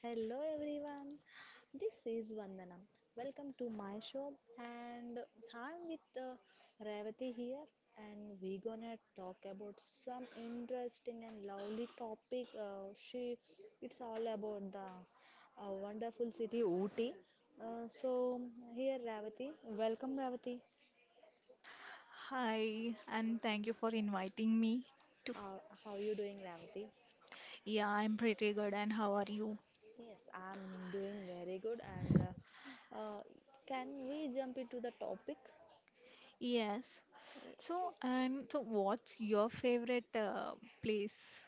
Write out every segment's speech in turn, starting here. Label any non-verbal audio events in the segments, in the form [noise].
Hello everyone, this is Vandanam. Welcome to my show, and I'm with Revati here, and we're gonna talk about some interesting and lovely topic. It's all about the wonderful city Ooty. So here, Revati, welcome Revati. Hi, and thank you for inviting me to. How you doing, Revati? Yeah, I'm pretty good. And how are you? Yes, I'm doing very good, and can we jump into the topic? Yes. So, and so, what's your favorite place?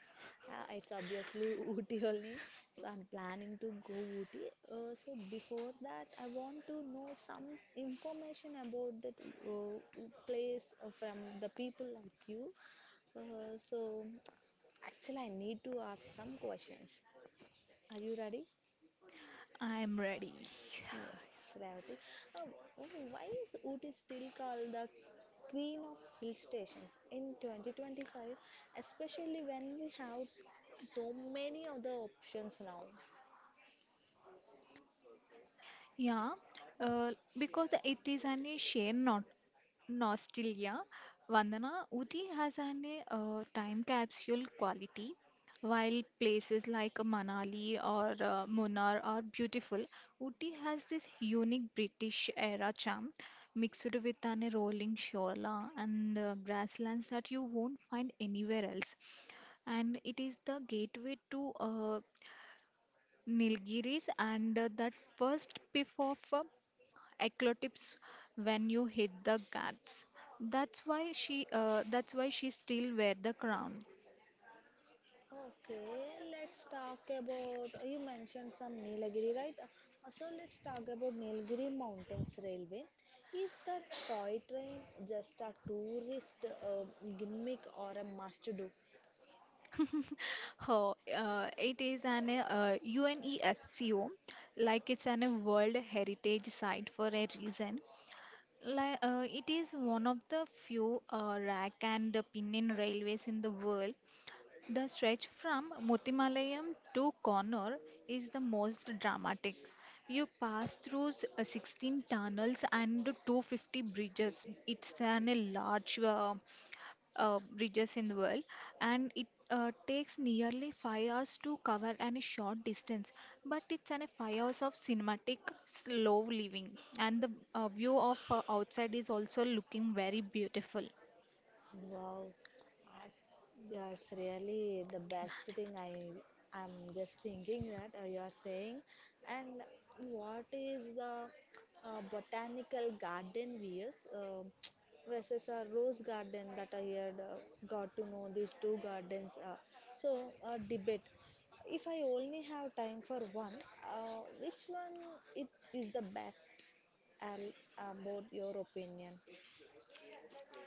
It's obviously [laughs] Ooty only, so I'm planning to go Ooty. So before that, I want to know some information about that place from the people like you. So actually, I need to ask some questions. Are you ready? I'm ready. Yes, Revati. Uh, why is Ooty still called the queen of hill stations in 2025, especially when we have so many other options now? Yeah, uh, because it is an a sheer not nostalgia. Vandana, Uti has an a time capsule quality, while places like Manali or Munnar are beautiful. Uti has this unique British era charm mixed with an a rolling shoreline and grasslands that you won't find anywhere else, and it is the gateway to Nilgiris and that first piff of eclipse when you hit the guts. That's why she still wear the crown. Okay, let's talk about. You mentioned some Nilgiri, right? So let's talk about Nilgiri Mountains Railway. Is the toy train just a tourist uh, gimmick or a must do? [laughs] Oh, it is an UNESCO, like it's an a World Heritage Site for a reason. It is one of the few rack and pinion railways in the world. The stretch from Muthimalayam to Connor is the most dramatic. You pass through 16 tunnels and 250 bridges. It's an a large bridges in the world, and it takes nearly 5 hours to cover any short distance. But it's an a 5 hours of cinematic, slow living, and the view of outside is also looking very beautiful. Wow, I, yeah, really the best thing. I'm just thinking that you are saying, and what is the botanical garden views [tsk] versus a rose garden that I had got to know these two gardens. Debate. If I only have time for one, which one it is the best? I'll, about your opinion.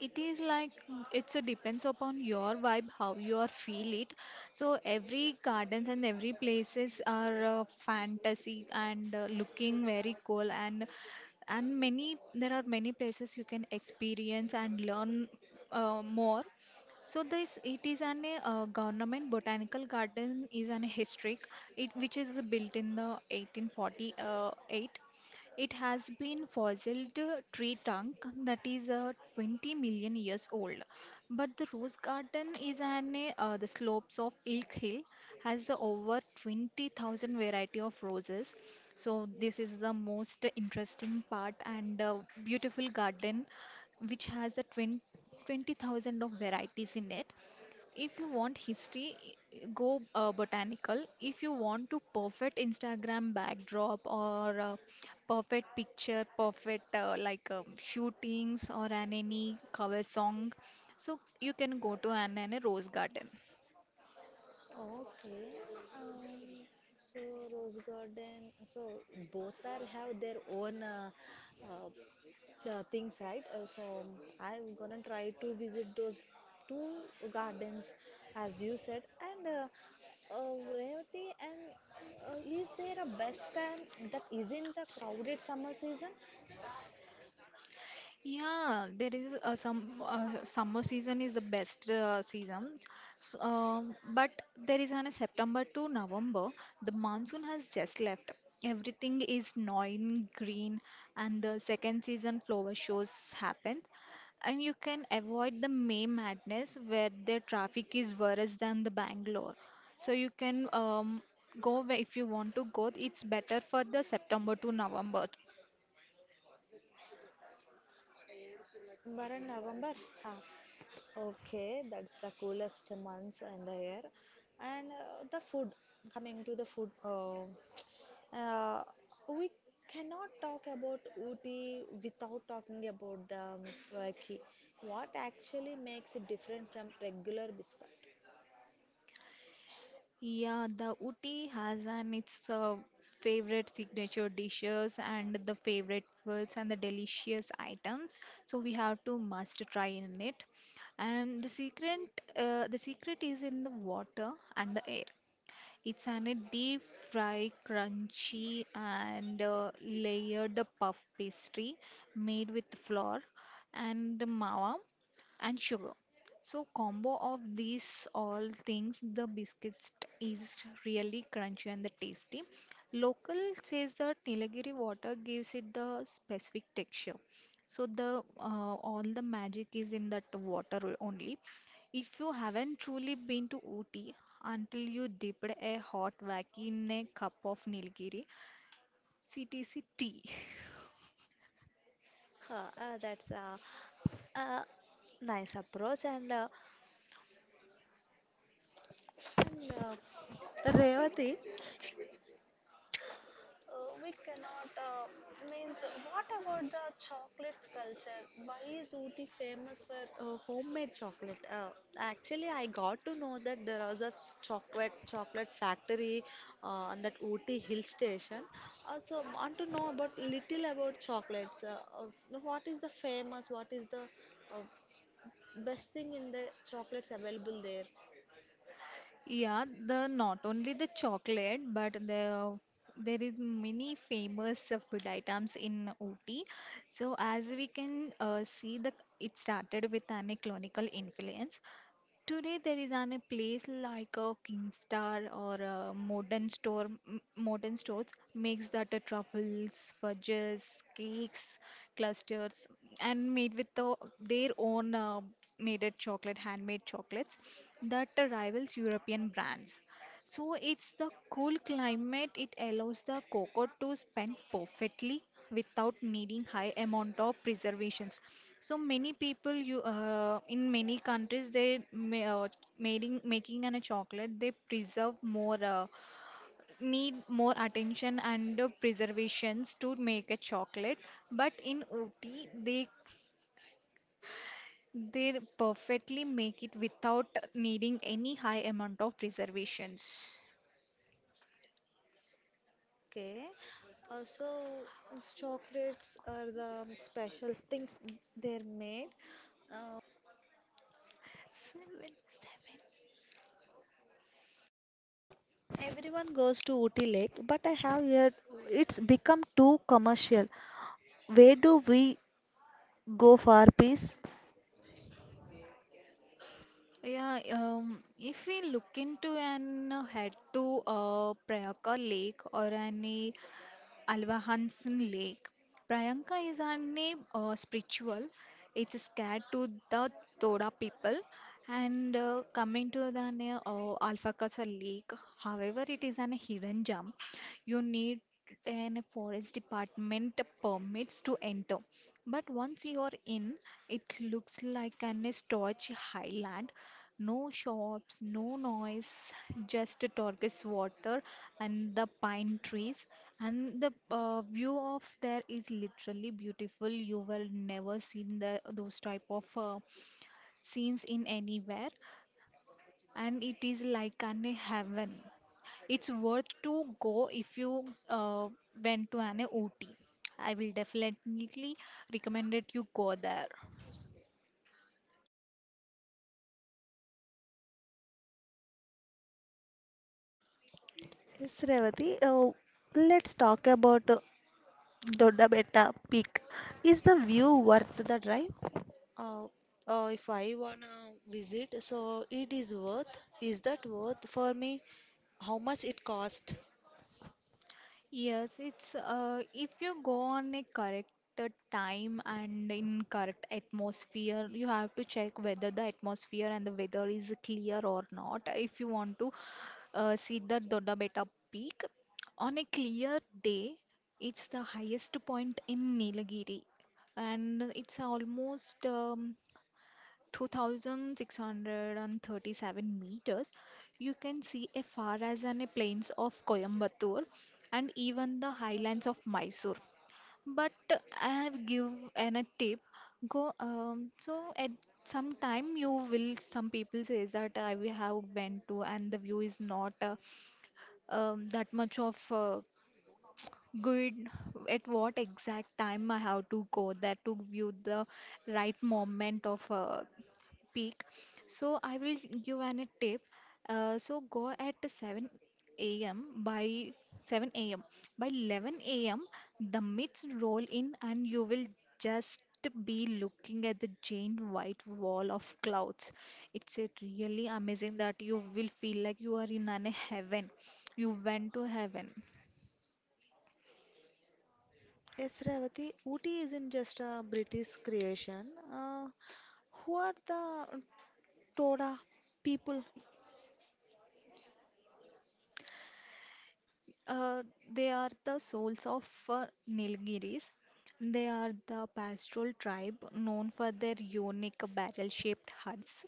It is like it's a depends upon your vibe how you are feel it, so every gardens and every places are fantasy and looking very cool, and many there are many places you can experience and learn more. So this, it is an government botanical garden, is an historic, it which is built in the 1848. It has been fossil tree trunk that is 20 million years old. But the rose garden is an the slopes of Ilk Hill, has over 20,000 variety of roses. So this is the most interesting part and beautiful garden which has a 20 20,000 of varieties in it. If you want history, go botanical. If you want to perfect Instagram backdrop or perfect picture, perfect shootings or an any cover song, so you can go to an a rose garden. Okay. Um, so Rose garden. So both are have their own uh, things, right? I'm gonna try to visit those two gardens, as you said. And Revati, and is there a best time that isn't the crowded summer season? Yeah, there is some summer season is the best season, but there is an September to November. The monsoon has just left. Everything is gnawing green, and the second season flower shows happen. And you can avoid the May madness where the traffic is worse than the Bangalore. So you can go where- if you want to go. It's better for the September to November. September and November. Huh. Okay, that's the coolest months in the year. And the food, coming to the food. Uh, we cannot talk about Ooty without talking about the Vaiki. What actually makes it different from regular biscuit? Yeah, the Uti has an its favorite signature dishes and the favorite foods and the delicious items. So we have to must try in it. And the secret is in the water and the air. It's an a deep fry, crunchy, and layered puff pastry made with flour and mawa and sugar. So combo of these all things, the biscuits is really crunchy and the tasty. Local says that Nilagiri water gives it the specific texture. So the all the magic is in that water only. If you haven't truly been to Ooty until you dipped a hot wacky in a cup of Nilgiri CTC tea. Huh, that's a nice approach. And Revati, we cannot means what about the chocolates culture? Why is Ooty famous for homemade chocolate? Actually, I got to know that there was a chocolate factory on that Ooty hill station. Also, want to know about little about chocolates. Uh, what is the famous? What is the uh, best thing in the chocolates available there? Yeah, the not only the chocolate but the there is many famous food items in Ooty. So as we can see the, it started with an colonial influence. Today there is an a place like a Kingstar or a modern store, modern stores makes that a truffles, fudges, cakes, clusters, and made with the, their own made it chocolate, handmade chocolates that rivals European brands. So it's the cool climate. It allows the cocoa to spend perfectly without needing high amount of preservations. So many people you in many countries they ma making an a chocolate they preserve more need more attention and preservations to make a chocolate. But in Ooty they perfectly make it without needing any high amount of preservations. Okay. Uh, so Chocolates are the special things they're made. Uh, Seven, seven. Everyone goes to Ooty Lake, but I have heard it's become too commercial. Where do we go for peace? Yeah, if we look into and head to Priyanka Lake or any Alva Hansen Lake, Priyanka is any spiritual. It's scared to the Toda people. And coming to the Alpha Casa Lake, however, it is an hidden gem. You need an forest department permits to enter. But once you are in, it looks like an storage highland. No shops, no noise, just a turquoise water and the pine trees. And the view of there is literally beautiful. You will never seen those type of scenes in anywhere. And it is like an heaven. It's worth to go if you went to an OT. I will definitely recommend it you go there. Yes, Revati. Let's talk about Dodabetta Peak. Is the view worth the drive? Uh, if I wanna visit, so it is worth. Is that worth for me? How much it cost? Yes, it's if you go on a correct time and in correct atmosphere, you have to check whether the atmosphere and the weather is clear or not. If you want to see the Dodda Betta Peak on a clear day, it's the highest point in Nilagiri, and it's almost 2637 meters, you can see as far as the plains of Coimbatore and even the highlands of Mysore. But I have give an a tip. Go so at some time you will some people says that I we have went to and the view is not that much of good at what exact time I have to go there to view the right moment of peak. So I will give an a tip. So go at 7 a.m. by 7 a.m. By 11 a.m. the myths roll in and you will just be looking at the giant white wall of clouds. It's a really amazing that you will feel like you are in an heaven. You went to heaven. Yes, Revati, Ooty isn't just a British creation. Uh, who are the Toda people? Uh, they are the souls of Nilgiris. They are the pastoral tribe known for their unique barrel-shaped huts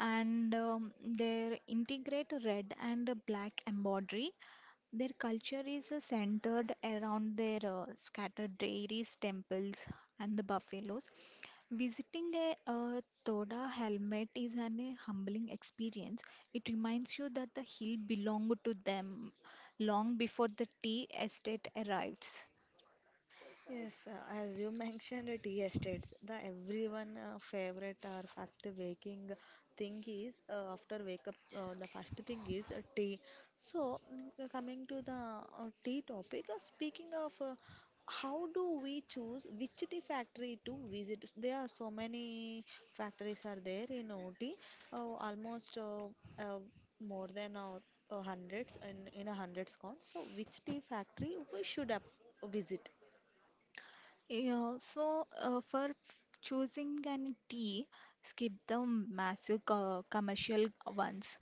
and their integrate red and black embroidery. Their culture is centered around their scattered dairies, temples, and the buffaloes. Visiting a Toda helmet is an a humbling experience. It reminds you that the hill belonged to them long before the tea estate arrives. Yes, as you [laughs] mentioned, tea estates, the everyone favorite or first waking thing is after wake up, the first thing is tea. So, coming to the tea topic, speaking of how do we choose which tea factory to visit? There are so many factories are there in OT, uh, almost uh, more than hundreds and in a hundreds count. So, which tea factory we should up visit? Yeah, so for choosing an tea, skip the massive commercial ones.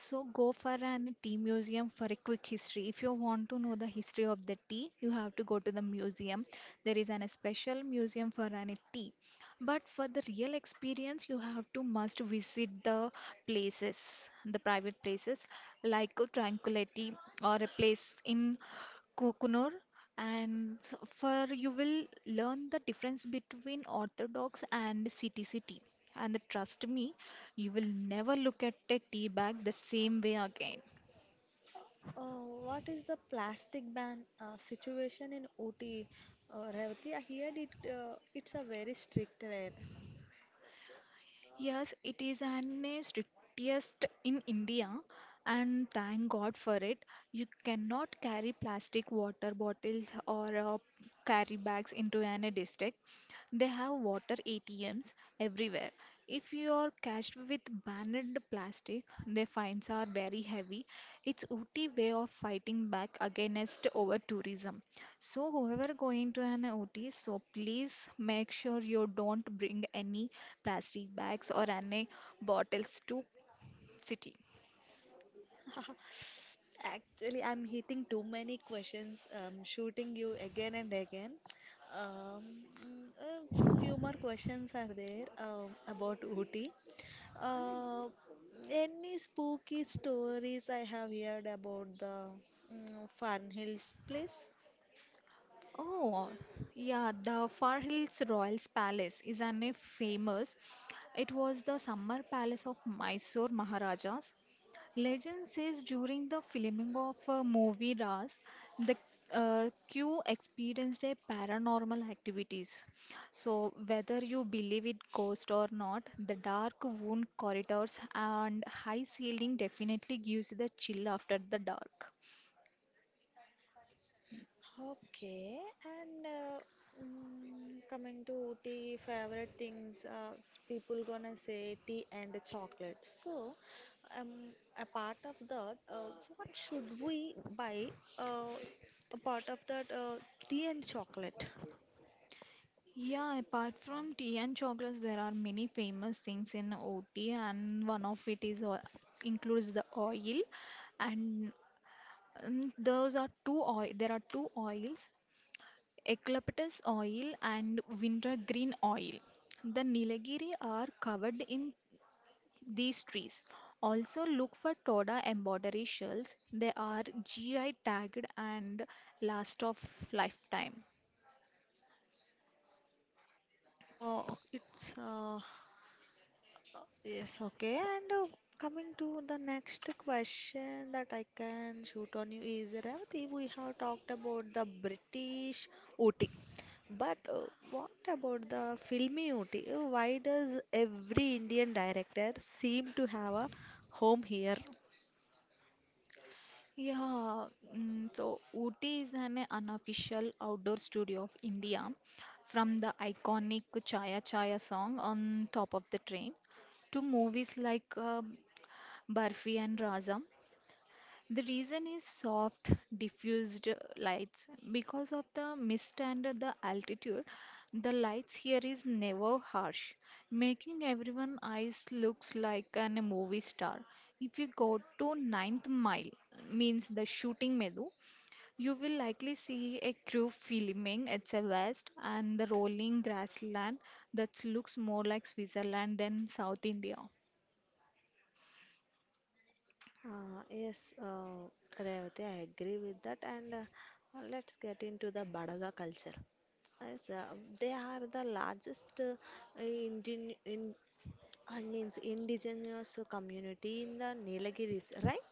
So go for an tea museum for a quick history. If you want to know the history of the tea, you have to go to the museum. There is an a special museum for an tea. But for the real experience, you have to must visit the places, the private places like Tranquility or a place in Kukunur and for you will learn the difference between orthodox and CTC tea. And trust me, you will never look at a tea bag the same way again. What is the plastic ban situation in OT, Revati? I heard it. It's a very strict there. Yes, it is an strictest in India, and thank God for it. You cannot carry plastic water bottles or carry bags into an district. They have water ATMs everywhere. If you are catched with banned plastic, their fines are very heavy. It's OT way of fighting back against over tourism. So, whoever going to an OT, so please make sure you don't bring any plastic bags or any bottles to city. [laughs] Actually, I'm hitting too many questions. Shooting you again and again. Um, mm, uh, Few more questions are there about OT. Uh, any spooky stories I have heard about the Fern Hills place? Oh, yeah, the Far Hills Royals Palace is an a famous. It was the summer palace of Mysore Maharajas. Legend says during the filming of a movie Ras, the Q experienced a paranormal activities. So whether you believe it ghost or not, the dark wound corridors and high ceiling definitely gives you the chill after the dark. Okay, and coming to tea favorite things, people gonna say tea and chocolate. So, um, apart of that, what should we buy uh, apart of that tea and chocolate? Yeah, apart from tea and chocolates, there are many famous things in OT, and one of it is includes the oil, and those are two oil. There are two oils, eucalyptus oil and wintergreen oil. The Nilgiri are covered in these trees. Also look for Toda embroidery shells. They are GI tagged and last of lifetime. Oh, it's yes, okay. And coming to the next question that I can shoot on you is Revati, we have talked about the British OT, but what about the filmy OT? Why does every Indian director seem to have a home here? Yeah, so Ooty is an unofficial outdoor studio of India, from the iconic Chaya Chaya song on top of the train to movies like Barfi and Razam. The reason is soft, diffused lights. Because of the mist and the altitude, the lights here is never harsh, making everyone eyes looks like an movie star. If you go to ninth mile, means the shooting meadow, you will likely see a crew filming at a west and the rolling grassland that looks more like Switzerland than South India. Yes, Revati, I agree with that. And let's get into the Badaga culture. Yes, they are the largest Indian in And means indigenous community in the Nilagiris, right?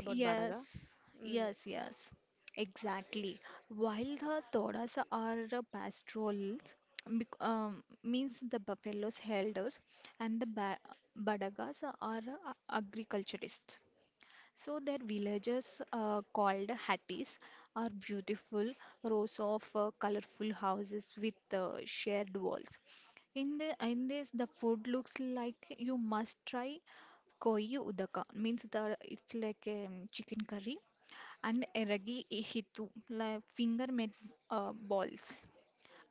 About Badaga. Yes, Mm. yes, yes, exactly. While the toras are pastoralists, means the buffaloes herders, and the badagas are agriculturists. So their villages, called hatties, are beautiful rows of colorful houses with shared walls. In this, the food looks like you must try koi udaka, means the it's like chicken curry and eragi hitu, like finger made balls,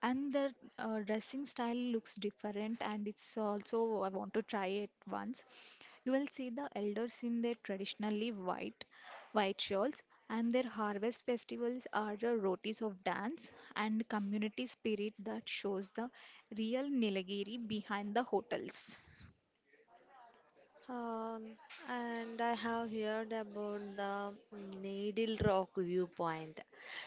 and the dressing style looks different, and it's also I want to try it once. You will see the elders in their traditionally white shawls, and their harvest festivals are the rotis of dance and community spirit that shows the real Nilagiri behind the hotels. Um, and I have heard about the Needle Rock viewpoint.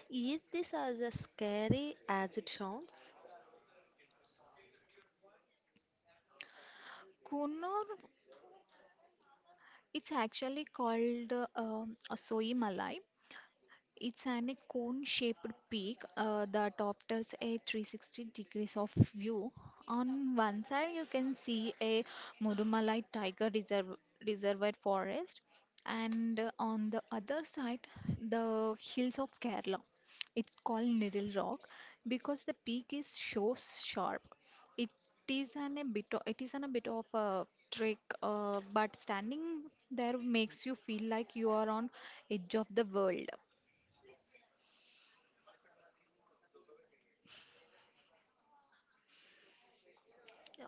Is this as a scary as it sounds? Kunur, it's actually called Asoi Malai. It's an a cone-shaped peak that offers a 360 degrees of view. On one side, you can see a Murumalai Tiger Reserve, Reservoir Forest, and on the other side, the hills of Kerala. It's called Needle Rock because the peak is so sharp. It it is an a bit of a trick, but standing there makes you feel like you are on edge of the world.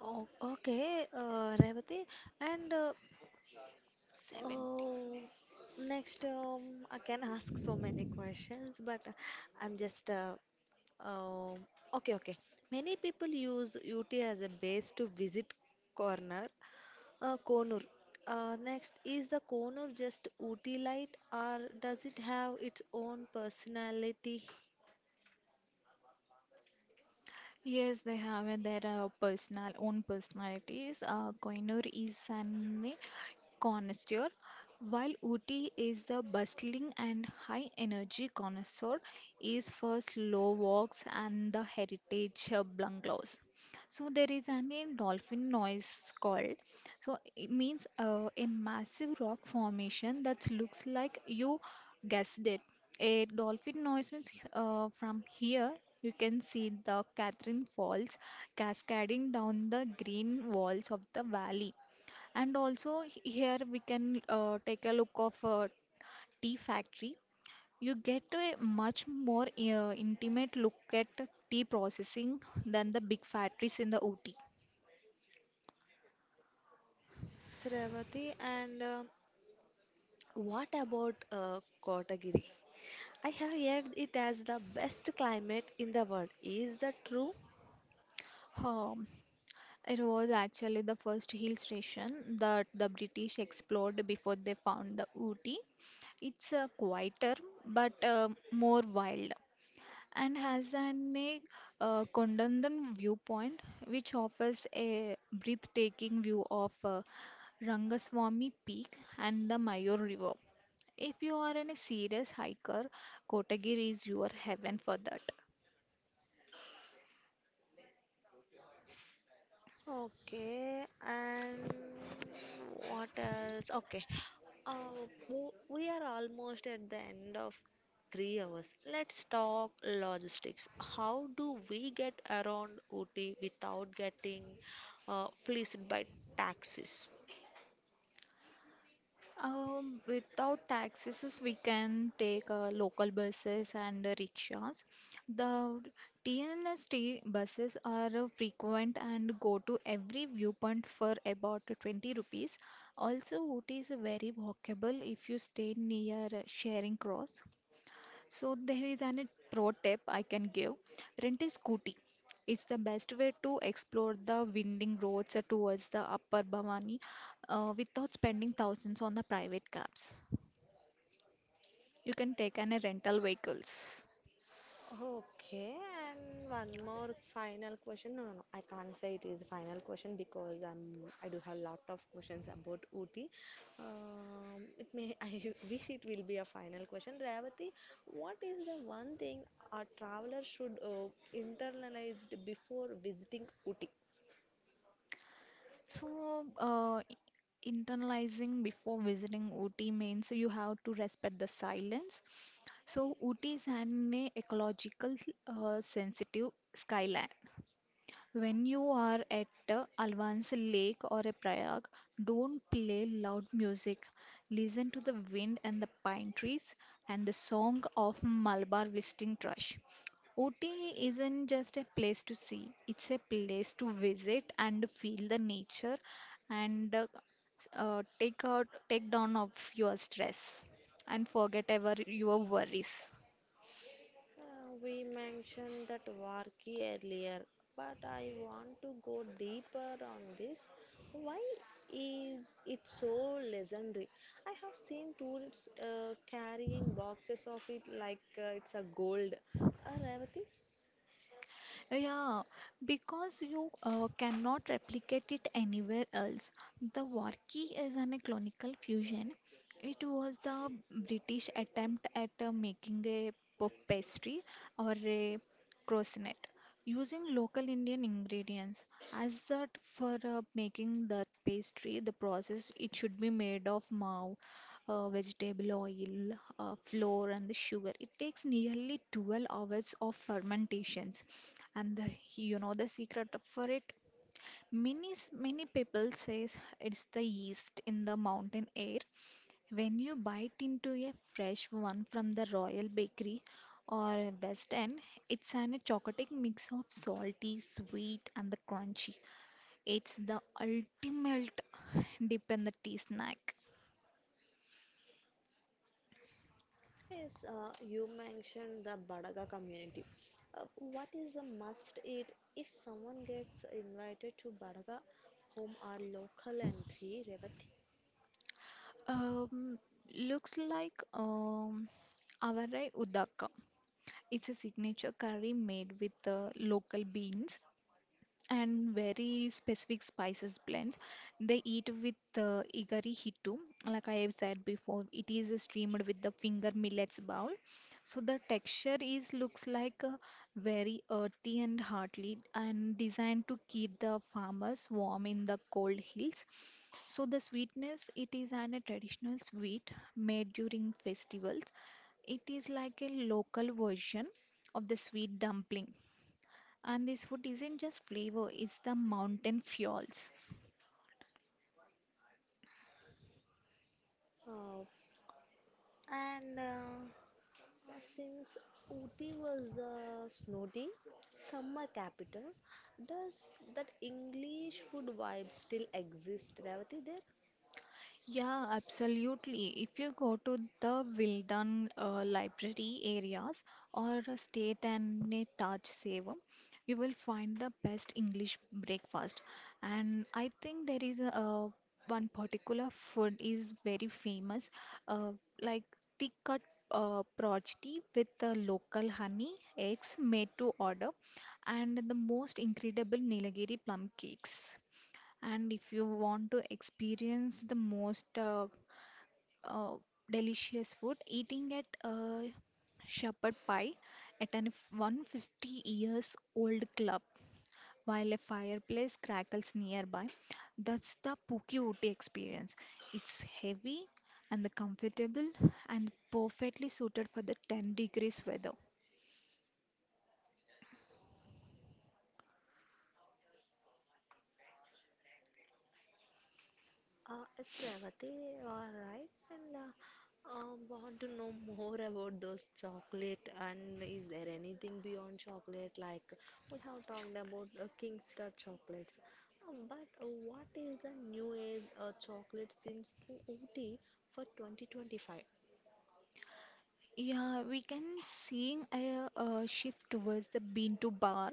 Oh, okay, Revati. And 70. Oh, next, I can ask so many questions, but I'm just um, okay, okay. Many people use UT as a base to visit corner, Konur. Next, is the Konur just UT light, or does it have its own personality? Yes, they have their personal own personalities. Koinur is an, connoisseur. While Uti is the bustling and high energy connoisseur is for slow walks and the heritage bungalows. So there is an in dolphin noise called. So it means a massive rock formation that looks like, you guessed it, a dolphin noise. Means from here you can see the Catherine Falls cascading down the green walls of the valley. And also here we can take a look of a tea factory. You get a much more intimate look at tea processing than the big factories in the OT. Yes, Revati, and what about Kotagiri? I have heard it as the best climate in the world. Is that true? Um, it was actually the first hill station that the British explored before they found the Ooty. It's quieter but more wild, and has an a Kondandan viewpoint, which offers a breathtaking view of Rangaswamy Peak and the Mayur River. If you are in a serious hiker, Kotagiri is your heaven for that. Okay, and what else? Okay, we are almost at the end of 3 hours. Let's talk logistics. How do we get around Ooty without getting fleeced by taxis? Without taxis, we can take local buses and rickshaws. The TNST buses are frequent and go to every viewpoint for about 20 rupees. Also, it is very walkable if you stay near Charing Cross. So there is an pro tip I can give. Rent a scooty. It's the best way to explore the winding roads towards the Upper Bhavani without spending thousands on the private cabs. You can take an rental vehicles. Okay, and one more final question. No, no, no. I can't say it is a final question because I do have a lot of questions about Ooty. It may [laughs] I wish it will be a final question. Revati, what is the one thing a traveler should internalize before visiting Ooty? So internalizing before visiting Ooty means you have to respect the silence. So Ooty is an ecological sensitive skyline. When you are at Alvan's lake or a Prayag, don't play loud music. Listen to the wind and the pine trees and the song of Malabar visiting thrush. Ooty isn't just a place to see, it's a place to visit and feel the nature, and take down of your stress and forget ever your worries. We mentioned that Varki earlier, but I want to go deeper on this. Why is it so legendary? I have seen tourists carrying boxes of it like it's a gold. Revati, Yeah, because you cannot replicate it anywhere else. The Warki is an clonical fusion. It was the British attempt at making a puff pastry or a croissant using local Indian ingredients. As that for making that pastry, the process it should be made of mav, vegetable oil, flour, and the sugar. It takes nearly 12 hours of fermentations. And the you know the secret for it, many people says it's the yeast in the mountain air. When you bite into a fresh one from the royal bakery or west end, it's an chocolate mix of salty sweet and the crunchy. It's the ultimate dip in the tea snack. yes, you mentioned the Badaga community. What is the must eat if someone gets invited to Badaga home or local entry, Revati? um Looks like avarai udaka. It's a signature curry made with local beans and very specific spices blends. They eat with igari hitu, like I have said before. It is steamed with the finger millets bowl. So the texture is looks like very earthy and hearty, and designed to keep the farmers warm in the cold hills. So the sweetness, it is an a traditional sweet made during festivals. It is like a local version of the sweet dumpling, and this food isn't just flavor, it's the mountain fuels. Uh, and Since Ooty was the snowy summer capital, does that English food vibe still exist, Revati, there? Yeah, absolutely. If you go to the Wildan library areas or a state and a Taj Sevam, you will find the best English breakfast. And I think there is a, one particular food is very famous, uh, like thick cut projti with the local honey, eggs made to order, and the most incredible Nilagiri plum cakes. And if you want to experience the most uh, delicious food, eating at shepherd pie at an 150 years old club while a fireplace crackles nearby. That's the Puki Uti experience. It's heavy and the comfortable and perfectly suited for the 10 degrees weather. Yes, Revati, all right. And want to know more about those chocolate and is there anything beyond chocolate? Like we have talked about Kingstar chocolates. But what is the new age chocolate since in Ooty for 2025? Yeah, we can seeing a, shift towards the bean to bar.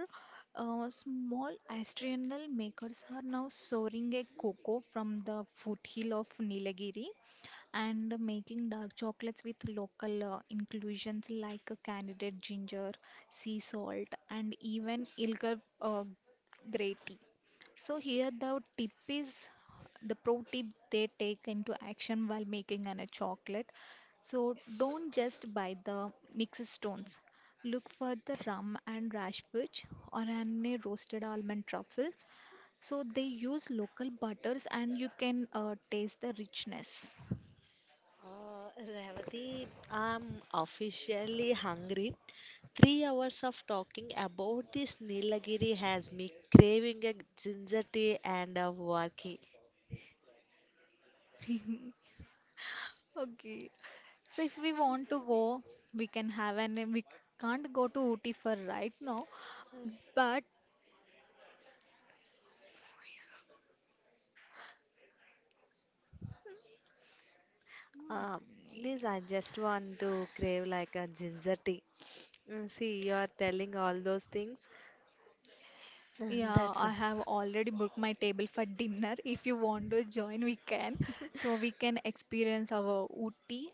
Small artisanal makers are now sourcing a cocoa from the foothill of Nilagiri and making dark chocolates with local inclusions like candied ginger, sea salt, and even Ilga grey tea. So here the tip is the pro tip they take into action while making a chocolate. So don't just buy the mixed stones. Look for the rum and rash fudge or an a roasted almond truffles. So they use local butters, and you can taste the richness. Uh, Revati, I'm officially hungry. 3 hours of talking about this Nilagiri has me craving a ginger tea and a warki. [laughs] Okay. So if we want to go, we can't go to Ooty for right now, but Uh, Please, I just want to crave like a ginger tea. See, you are telling all those things. Uh, yeah, That's. I have already booked my table for dinner. If you want to join, we can. So we can experience our Ooty.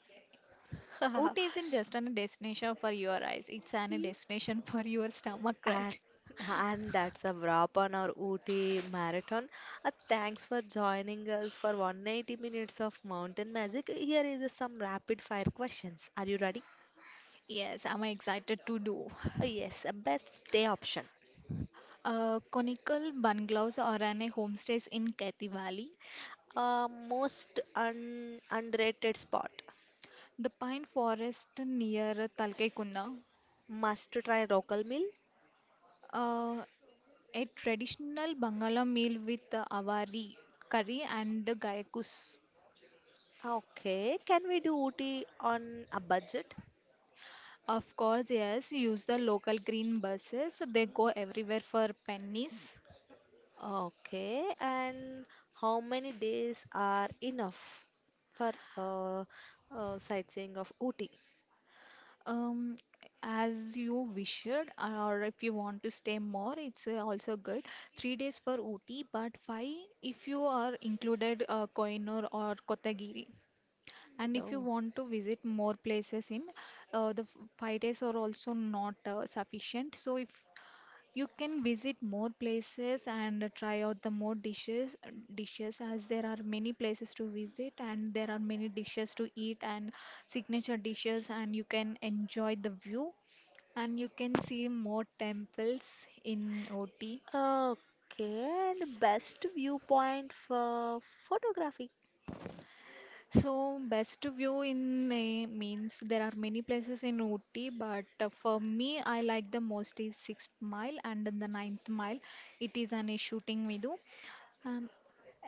Ooty isn't just a destination for your eyes, it's an destination [laughs] for your stomach, And, right? and that's a wrap on our Ooty marathon. Thanks for joining us for 180 minutes of mountain magic. Here is some rapid fire questions. Are you ready? Yes, I'm excited to do. Yes, a best day option. Conical bungalows or an homestays in Kathy Valley. Most underrated spot. The pine forest near Talcaicuna. Must try local meal. uh, a traditional Bangala meal with avari, curry and the gyakus. Okay, can we do Ooty on a budget? Of course, yes, use the local green buses. They go everywhere for pennies. Okay, and how many days are enough for uh, sightseeing of Ooty? Um, as you wished, or if you want to stay more, it's also good. 3 days for Ooty, but five if you are included Koinur or Kotagiri. And if you Oh. want to visit more places in 5 days are also not sufficient. So if you can visit more places and try out the more dishes as there are many places to visit, and there are many dishes to eat and signature dishes, and you can enjoy the view and you can see more temples in OT. Okay, and best viewpoint for photography. So, best view in a means there are many places in Ooty, but for me, I like the most is sixth mile and then the ninth mile. It is an a shooting video. Um,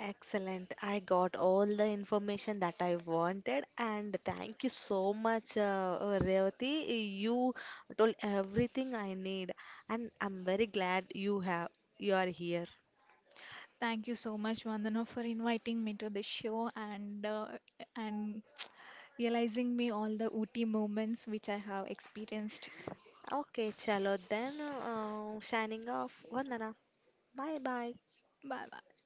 Excellent. I got all the information that I wanted, and thank you so much, Revati. You told everything I need, and I'm very glad you are here. Thank you so much, Vandana, for inviting me to the show, and and realizing me all the Ooty moments which I have experienced. Okay, chalo then. Signing off. Vandana. Bye bye. Bye bye.